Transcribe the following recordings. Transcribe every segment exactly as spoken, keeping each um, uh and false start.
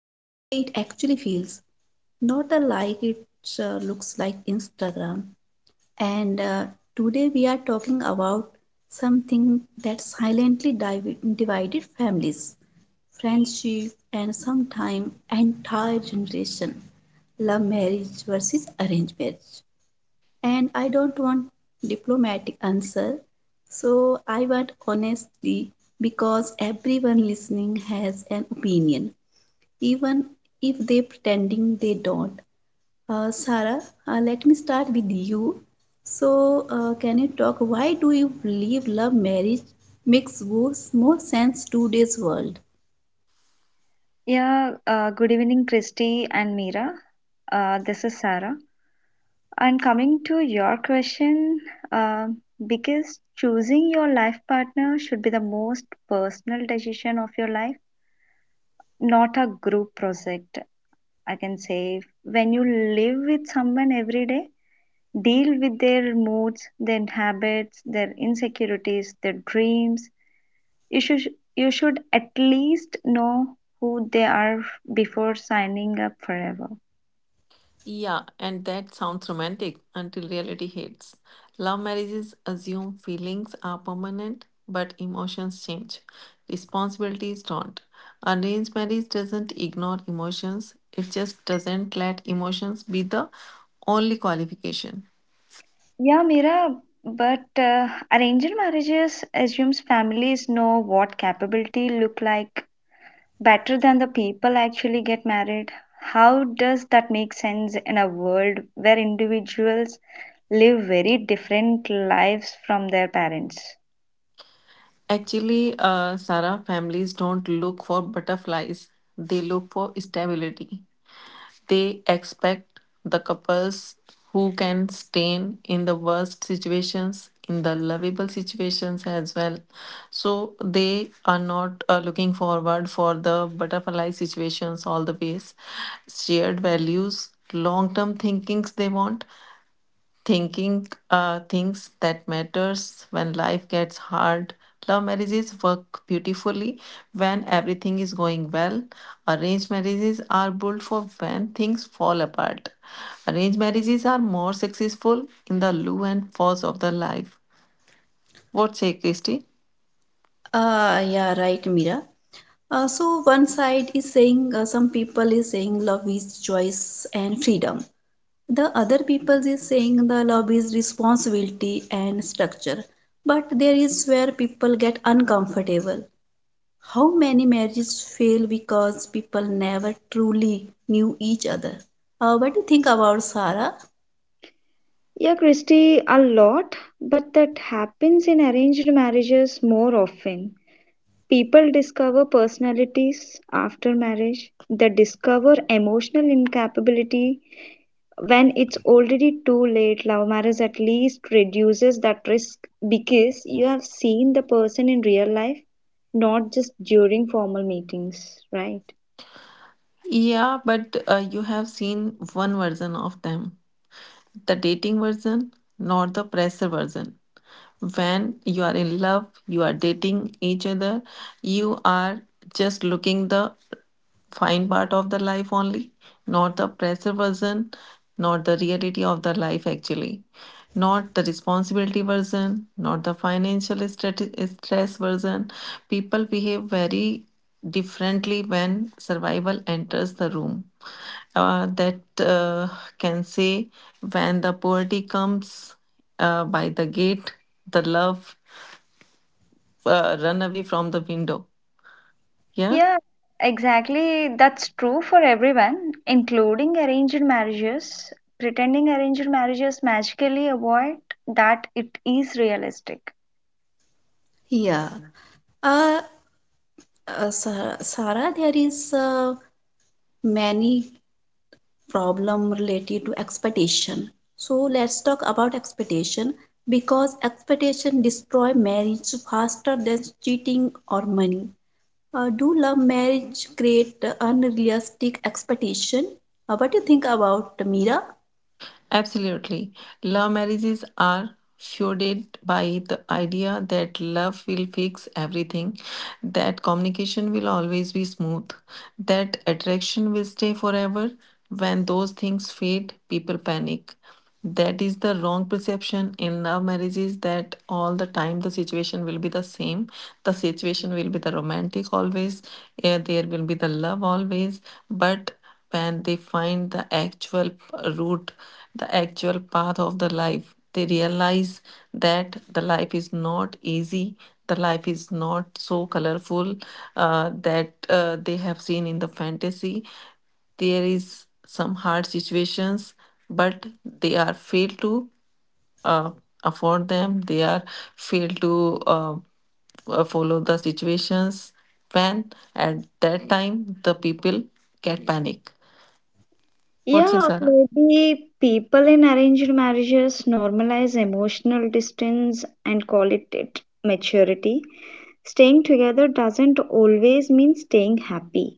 the way it actually feels, not the like it uh, looks like Instagram. And uh, Today we are talking about something that silently divi- divided families, friendship, and sometimes entire generation: love marriage versus arranged marriage. And I don't want diplomatic answer. So I want honesty because everyone listening has an opinion, even if they pretending they don't. Uh, Sarah, uh, let me start with you. So uh, can you talk why do you believe love marriage makes worse, more sense today's world? Yeah, uh, good evening, Christy and Mira. Uh, this is Sarah. And coming to your question, uh, because choosing your life partner should be the most personal decision of your life, not a group project. I can say when you live with someone every day, deal with their moods, their habits, their insecurities, their dreams. You should you should at least know who they are before signing up forever. Yeah, and that sounds romantic until reality hits. Love marriages assume feelings are permanent, but emotions change. Responsibilities don't. Arranged marriage doesn't ignore emotions, it just doesn't let emotions be the only qualification. Yeah, Mira, but uh, arranged marriages assumes families know what capability look like better than the people actually get married. How does that make sense in a world where individuals live very different lives from their parents? Actually, uh, Sarah families don't look for butterflies, they look for stability. They expect the couples who can stand in the worst situations, in the lovable situations as well. So they are not uh, looking forward for the butterfly situations all the ways. Shared values, long term thinkings they want, thinking uh, things that matters when life gets hard. Love marriages work beautifully when everything is going well. Arranged marriages are built for when things fall apart. Arranged marriages are more successful in the low and falls of the life. What say Christy? Uh, yeah, right, Mira. Uh, so one side is saying, uh, some people is saying love is choice and freedom, the other people is saying the love is responsibility and structure, but there is where people get uncomfortable. How many marriages fail because people never truly knew each other? Uh, what do you think about, Sarah? Yeah, Christy, a lot, but that happens in arranged marriages more often. People discover personalities after marriage, they discover emotional incapability when it's already too late. Love marriage at least reduces that risk because you have seen the person in real life, not just during formal meetings, right? Yeah, but uh, you have seen one version of them, the dating version, not the pressure version. When you are in love, you are dating each other, you are just looking the fine part of the life only, not the pressure version, not the reality of the life actually, not the responsibility version, not the financial strati- stress version. People behave very differently when survival enters the room. Uh, that uh, Can say, when the poverty comes uh, by the gate, the love uh, run away from the window. Yeah. Yeah, exactly. That's true for everyone, including arranged marriages. Pretending arranged marriages magically avoid that it is realistic. Yeah. uh, uh, Sarah, sarah there is, uh, many problem related to expectation. So let's talk about expectation, because expectation destroy marriage faster than cheating or money. Uh, do love marriage create unrealistic expectation? Uh, what do you think about, Meera? Absolutely. Love marriages are fueled by the idea that love will fix everything, that communication will always be smooth, that attraction will stay forever. When those things fade, people panic. That is the wrong perception in love marriages, that all the time the situation will be the same. The situation will be the romantic always, eh, there will be the love always, but when they find the actual root, the actual path of the life, they realize that the life is not easy, the life is not so colorful uh, that uh, they have seen in the fantasy. There is some hard situations, but they are failed to uh, afford them. They are fail to uh, uh, follow the situations. When at that time, the people get panic. What's it Yeah, Sarah? maybe people in arranged marriages normalize emotional distance and call it, it maturity. Staying together doesn't always mean staying happy.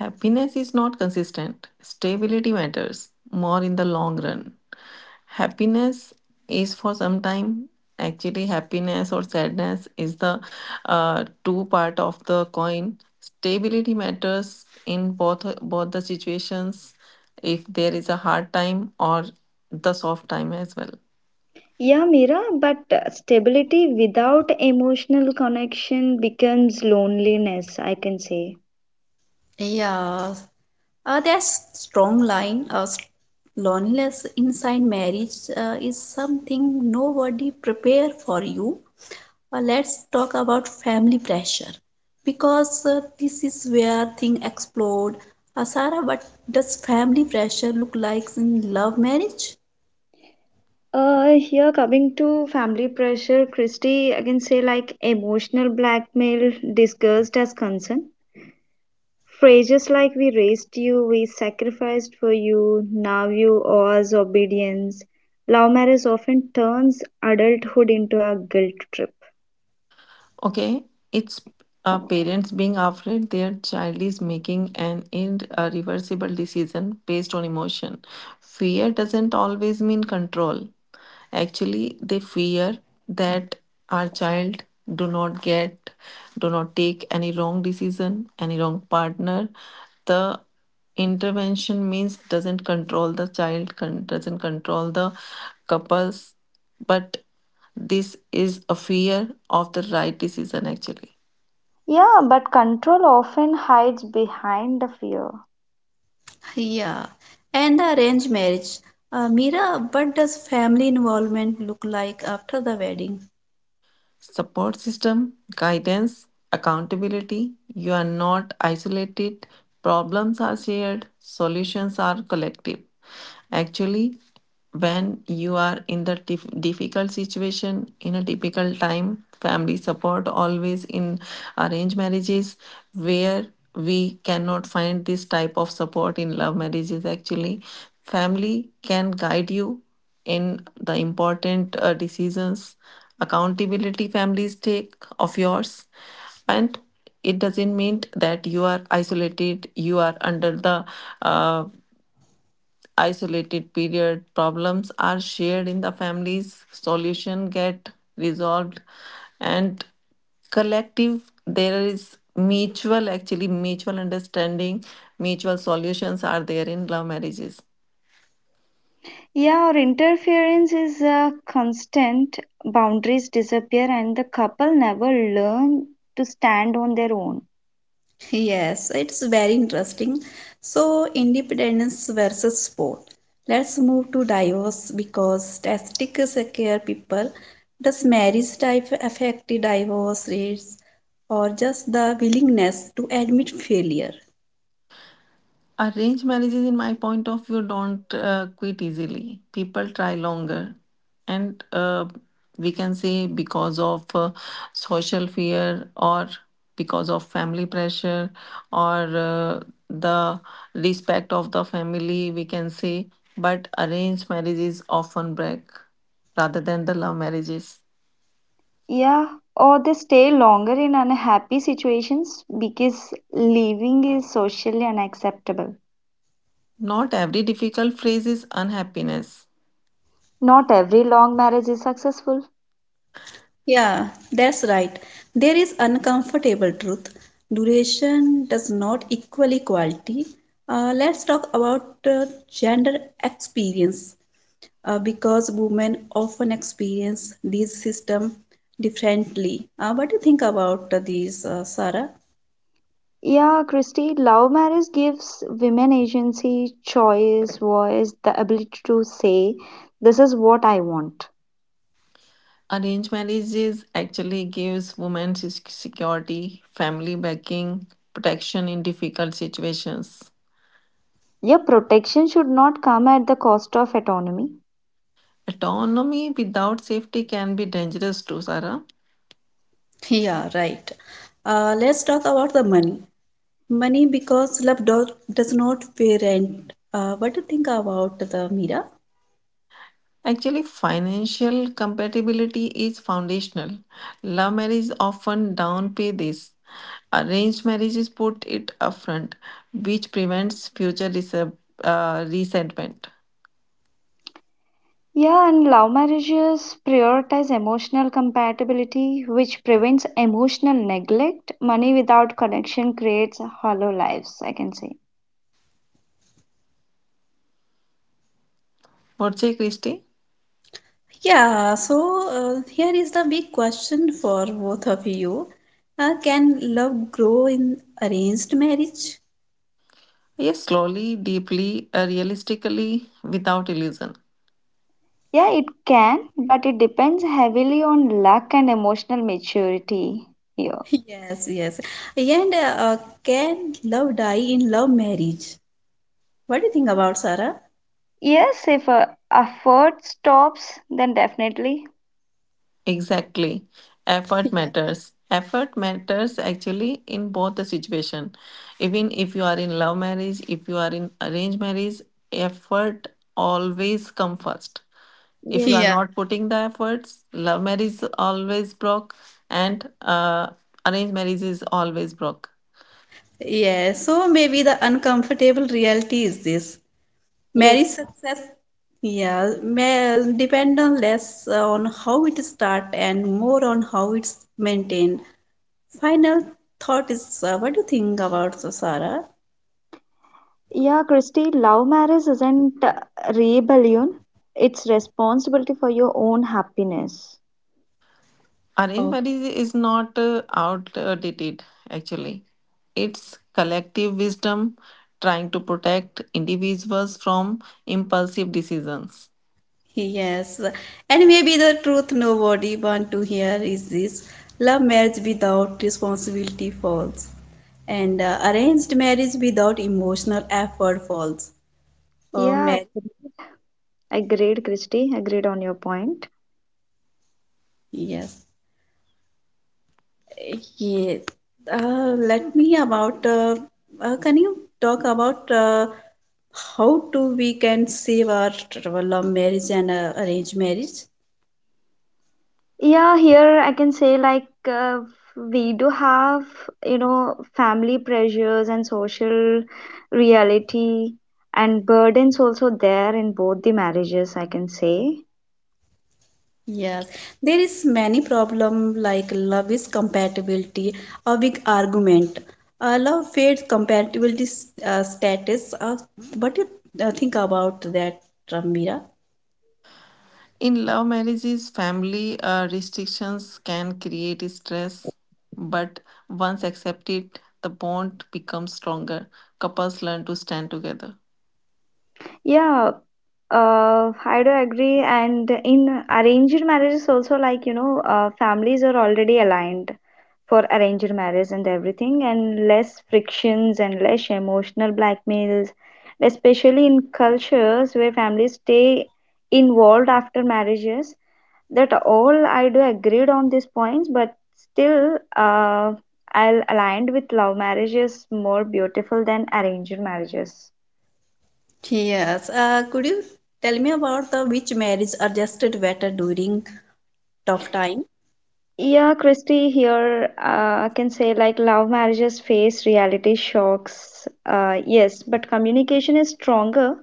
Happiness is not consistent. Stability matters more in the long run. Happiness is for some time. Actually, happiness or sadness is the uh, two part of the coin. Stability matters in both both the situations. If there is a hard time or the soft time as well. Yeah, Mira, but uh, stability without emotional connection becomes loneliness, I can say. Yeah. Uh, that's strong line. Uh, s- loneliness inside marriage uh, is something nobody prepare for you. Uh, let's talk about family pressure, because uh, this is where thing explode. Uh, Sarah, what does family pressure look like in love marriage? Uh, here coming to family pressure, Christy, I can say, like, emotional blackmail disguised as concern. Phrases like we raised you, we sacrificed for you, now you owe us obedience. Love marriage often turns adulthood into a guilt trip. Okay, it's uh, parents being afraid their child is making an irreversible decision based on emotion. Fear doesn't always mean control. Actually, they fear that our child do not get, do not take any wrong decision, any wrong partner. The intervention means doesn't control the child, con- doesn't control the couples, but this is a fear of the right decision actually. Yeah, but control often hides behind the fear. Yeah, and the arranged marriage. Uh, Mira, what does family involvement look like after the wedding? Support system, guidance, accountability. You are not isolated. Problems are shared, solutions are collective. Actually, when you are in the dif- difficult situation, in a difficult time, family support always in arranged marriages, where we cannot find this type of support in love marriages actually. Family can guide you in the important uh, decisions. Accountability families take of yours, and it doesn't mean that you are isolated. You are under the uh, isolated period. Problems are shared in the families, solution get resolved, and collective. There is mutual, actually mutual understanding, mutual solutions are there in love marriages. Yeah, or interference is a constant, boundaries disappear, and the couple never learn to stand on their own. Yes, it's very interesting. So, independence versus support. Let's move to divorce, because statistics scare people. Does marriage type affect the divorce rates, or just the willingness to admit failure? Arranged marriages, in my point of view, don't uh, quit easily. People try longer. And uh, we can say because of uh, social fear or because of family pressure or uh, the respect of the family, we can say. But arranged marriages often break rather than the love marriages. Yeah, or they stay longer in unhappy situations because leaving is socially unacceptable. Not every difficult phase is unhappiness. Not every long marriage is successful. Yeah, that's right. There is uncomfortable truth. Duration does not equal equality. Uh, let's talk about uh, gender experience, uh, because women often experience these system differently. Uh, what do you think about uh, these, uh, Sarah? Yeah, Christy, love marriage gives women agency, choice, voice, the ability to say, this is what I want. Arranged marriages actually gives women se- security, family backing, protection in difficult situations. Your protection should not come at the cost of autonomy. Autonomy without safety can be dangerous too, Sarah. Yeah, right. Uh, let's talk about the money. Money, because love do- does not pay rent. Uh, what do you think about the, Mira? Actually, financial compatibility is foundational. Love marriages often downplay this. Arranged marriages put it upfront, which prevents future resent- uh, resentment. Yeah, and love marriages prioritize emotional compatibility, which prevents emotional neglect. Money without connection creates hollow lives, I can say. What say, Christy? Yeah, so uh, here is the big question for both of you. Uh, can love grow in arranged marriage? Yes, slowly, deeply, uh, realistically, without illusion. Yeah, it can, but it depends heavily on luck and emotional maturity here. Yes, yes. And uh, uh, Can love die in love marriage? What do you think about, Sarah? Yes, if uh, effort stops, then definitely. Exactly. Effort matters. Effort matters actually in both the situation. Even if you are in love marriage, if you are in arranged marriage, effort always come first. If you are Yes, not putting the efforts, love marriage is always broke, and uh, arranged marriage is always broke. Yeah, so maybe the uncomfortable reality is this. Marriage yes. success, yeah, may depend on less uh, on how it start and more on how it's maintained. Final thought is, uh, what do you think about uh, Sarah? Yeah, Christy, love marriage isn't uh, rebellion, it's responsibility for your own happiness. Arranged Oh, marriage is not uh, outdated, actually. It's collective wisdom trying to protect individuals from impulsive decisions. yes. And maybe the truth nobody want to hear is this. Love marriage without responsibility falls. And uh, Arranged marriage without emotional effort falls. Uh, Yeah, Marriage, agreed, Christy. Agreed on your point. yes. Yes. Uh, let me about, uh, uh, can you talk about uh, how to we can save our, our love marriage and uh, arranged marriage? Yeah, here I can say, like, uh, we do have, you know, family pressures and social reality and burdens also there in both the marriages, I can say. Yes, there is many problem like love is compatibility, a big argument. Uh, love fades compatibility s- uh, status. Uh, what do you uh, think about that, Ramira? In love marriages, family uh, restrictions can create stress, but once accepted, the bond becomes stronger. Couples learn to stand together. Yeah, uh, I do agree. And in arranged marriages also, like, you know, uh, families are already aligned for arranged marriage and everything, and less frictions and less emotional blackmails, especially in cultures where families stay involved after marriages. That all I do agreed on these points, but still, uh, I'll aligned with love marriages more beautiful than arranged marriages. Yes, uh, could you tell me about the, which marriage adjusted better during tough time? Yeah, Christy, here uh, I can say, like, love marriages face reality shocks. Uh, yes, but communication is stronger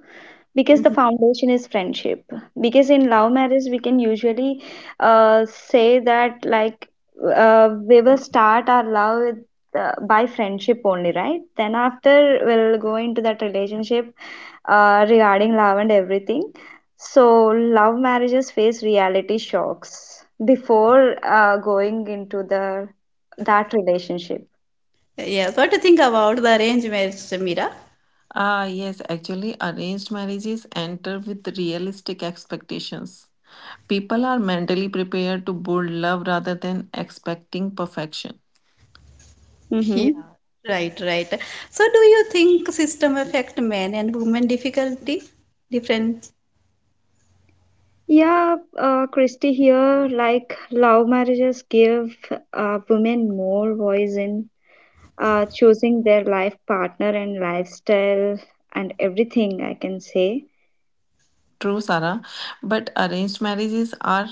because the Mhm. foundation is friendship, because in love marriage we can usually uh, say that, like, uh, we will start our love with, uh, by friendship only, right? Then after we'll go into that relationship uh, regarding love and everything. So love marriages face reality shocks before uh, going into the that relationship. Yes, what do you think about the arranged marriage, Samira? Ah, yes, actually, arranged marriages enter with realistic expectations. People are mentally prepared to build love rather than expecting perfection. Yeah, Mm-hmm. right, right. So, do you think system affect men and women difficulty different? Yeah, uh, Christy, here, like, love marriages give uh, women more voice in uh, choosing their life partner and lifestyle and everything, I can say. True, Sarah, but arranged marriages are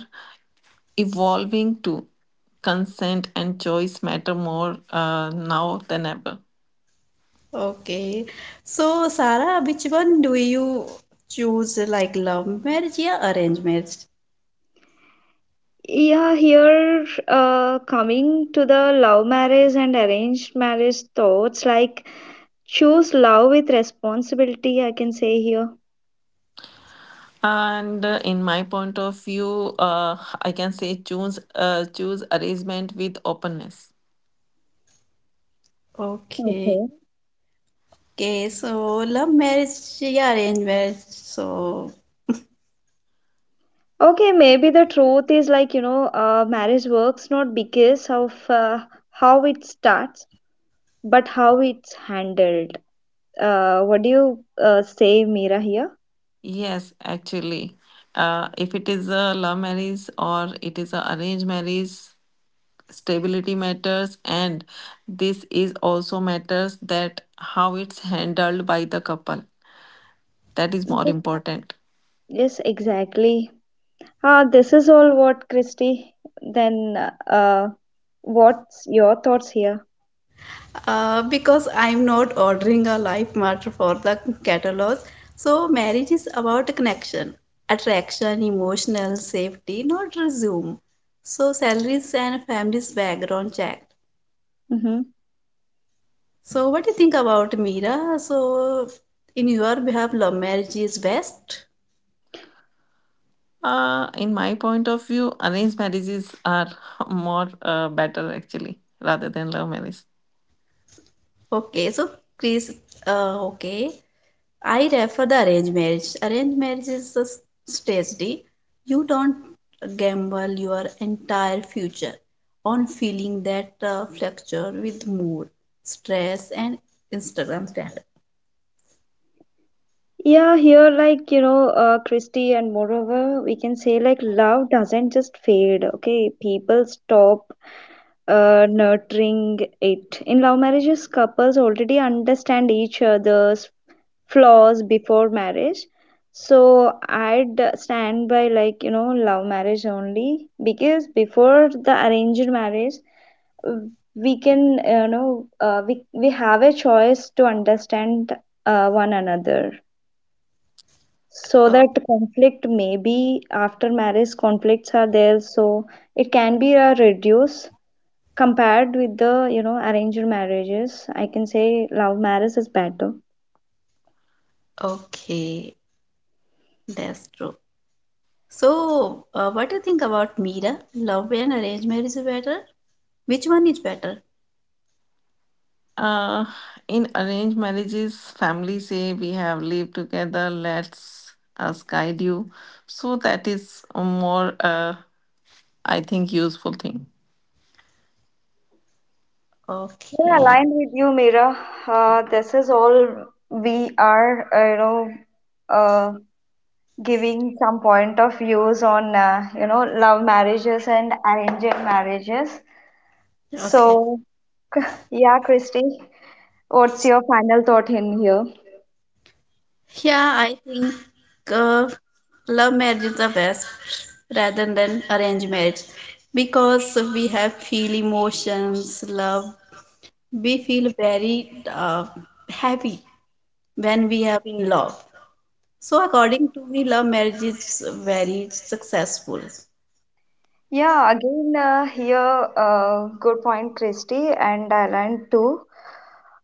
evolving too. Consent and choice matter more uh, now than ever. Okay. So, Sarah, which one do you choose, like love marriage or arranged marriage? Yeah, here uh, coming to the love marriage and arranged marriage thoughts, like, choose love with responsibility, I can say here. And uh, in my point of view, uh, I can say choose uh, choose arrangement with openness. Okay. Okay. Okay, so love marriage, yeah, arranged marriage. So, Okay, maybe the truth is, like, you know, uh, marriage works not because of uh, how it starts, but how it's handled. Uh, what do you uh, say, Mira, here? Yes, actually, uh, if it is a love marriage or it is a arranged marriage, stability matters, and this is also matters that how it's handled by the couple. That is more Yes, important. yes, exactly. Ah, this is all what, Christy. Then, uh, what's your thoughts here? uh, because I'm not ordering a life match for the catalogs, so marriage is about connection, attraction, emotional safety, not resume. So, salaries and families background check. Mm-hmm. So, what do you think about, Mira? So, in your behalf, love marriage is best. Uh, in my point of view, arranged marriages are more uh, better actually rather than love marriage. Okay, so please, uh, okay. I refer the arranged marriage. Arranged marriage is the tragedy. You don't gamble your entire future on feeling that uh, fracture with mood, stress, and Instagram standard. Yeah, here, like, you know, uh, Christy, and moreover, we can say, like, love doesn't just fade, okay? People stop uh, nurturing it. In love marriages, couples already understand each other's flaws before marriage. So I'd stand by, like, you know love marriage only, because before the arranged marriage we can, you know uh, we, we have a choice to understand uh, one another, so Oh, that conflict, maybe after marriage, conflicts are there. So it can be uh, reduced compared with the you know arranged marriages. I can say love marriage is better. okay, that's true. So, uh, what do you think about, Mira? Love and arranged marriage is better? Which one is better? Uh, in arranged marriages, families say we have lived together, let's us guide you. So that is a more, uh, I think, useful thing. Yeah, Okay, aligned with you, Mira. Uh, this is all we are, uh, you know, uh, giving some point of views on, uh, you know, love marriages and arranged marriages. okay. So, So, yeah, Christy, what's your final thought in here? yeah, I think uh, love marriage is the best rather than arranged marriage, because we have feel emotions, love. We feel very uh, happy when we are in love. So according to me, love marriage is very successful. Yeah, again, uh, here, uh, good point, Christy and Thailand too.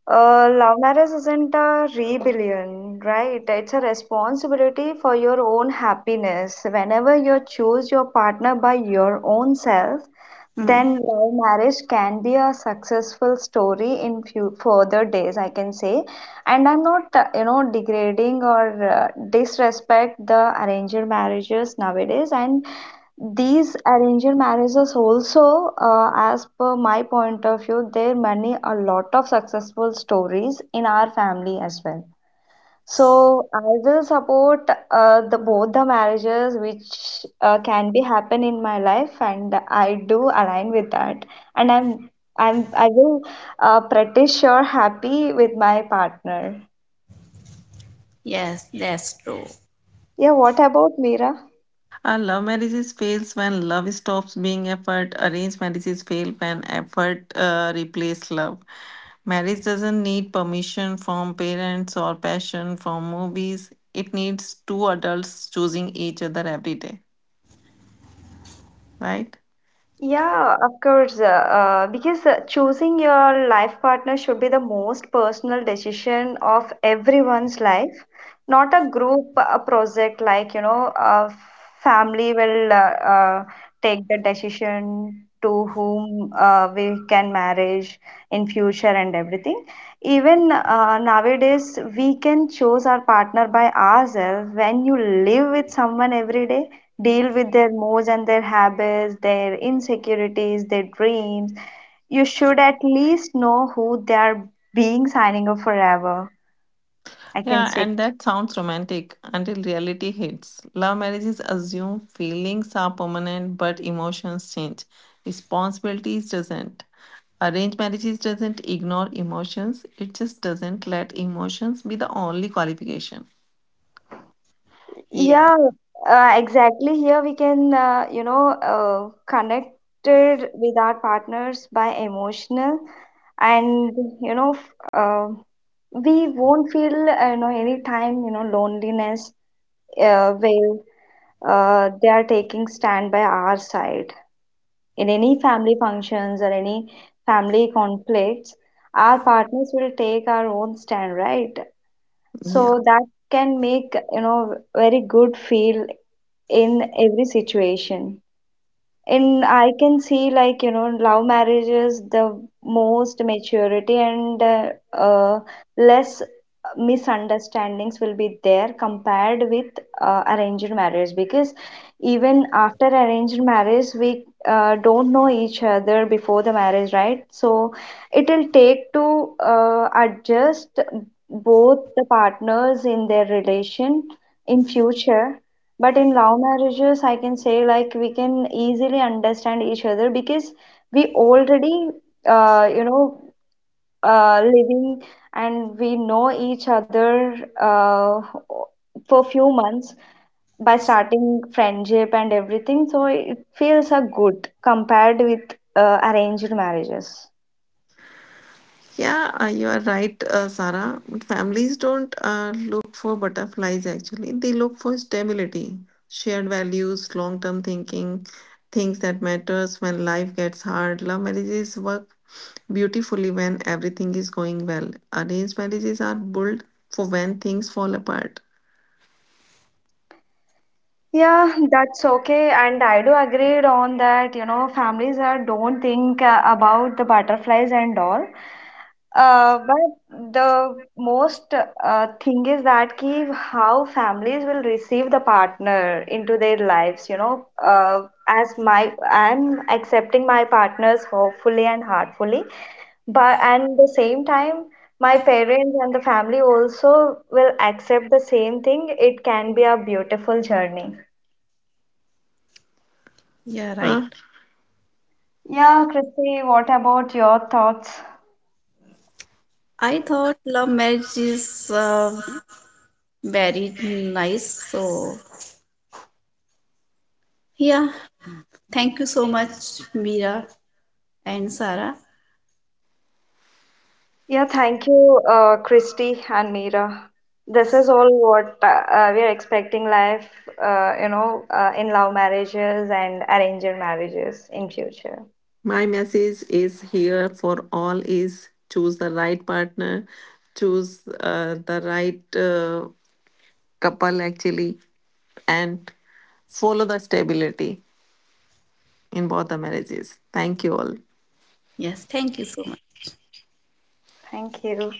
Uh, love marriage isn't a rebellion, right? It's a responsibility for your own happiness. Whenever you choose your partner by your own self, Hmm. then love marriage can be a successful story in few further days, I can say. And I'm not, uh, you know, degrading or uh, disrespect the arranged marriages nowadays. And these arranged marriages also, uh, as per my point of view, there many a lot of successful stories in our family as well. So I will support uh, the both the marriages which uh, can be happen in my life, and I do align with that. And I'm I'm I will uh, pretty sure happy with my partner. Yes, that's true. Yeah, what about Mira? Uh, love marriages fails when love stops being effort. Arranged marriages fail when effort uh, replaces love. Marriage doesn't need permission from parents or passion from movies. It needs two adults choosing each other every day, right? Yeah, of course. Uh, uh, because uh, choosing your life partner should be the most personal decision of everyone's life, not a group uh project, like, you know a family will uh, uh, take the decision to whom uh, we can marriage in future and everything. Even uh, nowadays we can choose our partner by ourselves. When you live with someone every day, deal with their moods and their habits, their insecurities, their dreams, you should at least know who they are being signing up forever, I can Yeah, say. and that sounds romantic until reality hits. Love marriages assume feelings are permanent, but emotions change. Responsibilities doesn't. Arranged marriages doesn't ignore emotions. It just doesn't let emotions be the only qualification. Yeah, Yeah, uh, exactly. Here we can, uh, you know, uh, connected with our partners by emotional, and you know, f- uh, we won't feel, uh, you know, any time, you know, loneliness uh, where uh, they are taking stand by our side in any family functions or any family conflicts. Our partners will take our own stand, right? So Yeah. that can make, you know, very good feel in every situation. And I can see, like, you know, love marriage is the most maturity and uh, uh, less misunderstandings will be there compared with uh, arranged marriage, because even after arranged marriage, we uh, don't know each other before the marriage, right? So it will take to uh, adjust both the partners in their relation in future. But in love marriages, I can say, like, we can easily understand each other because we already, uh, you know, uh, living and we know each other uh, for few months by starting friendship and everything. So it feels a good compared with uh, arranged marriages. Yeah, uh, you are right, uh, Sarah. Families don't uh, look for butterflies actually. They look for stability, shared values, long-term thinking, things that matters when life gets hard. Love marriages work beautifully when everything is going well. Arranged marriages are built for when things fall apart. Yeah, that's okay. And I do agree on that, you know, families are don't think uh, about the butterflies and all. Uh, but the most uh, thing is that ki how families will receive the partner into their lives, you know, uh, as my I'm accepting my partners hopefully and heartfully, but and the same time my parents and the family also will accept the same thing. It can be a beautiful journey. you're right. Uh, Yeah, Christy, what about your thoughts? I thought love marriage is uh, very nice, so. Yeah, thank you so much, Mira and Sara. Yeah, thank you, uh, Christy and Meera. This is all what uh, uh, we are expecting life, uh, you know, uh, in love marriages and arranged marriages in future. my message is here for all is choose the right partner, choose uh, the right uh, couple actually and follow the stability in both the marriages. Thank you all. Yes, thank you so much. Thank you.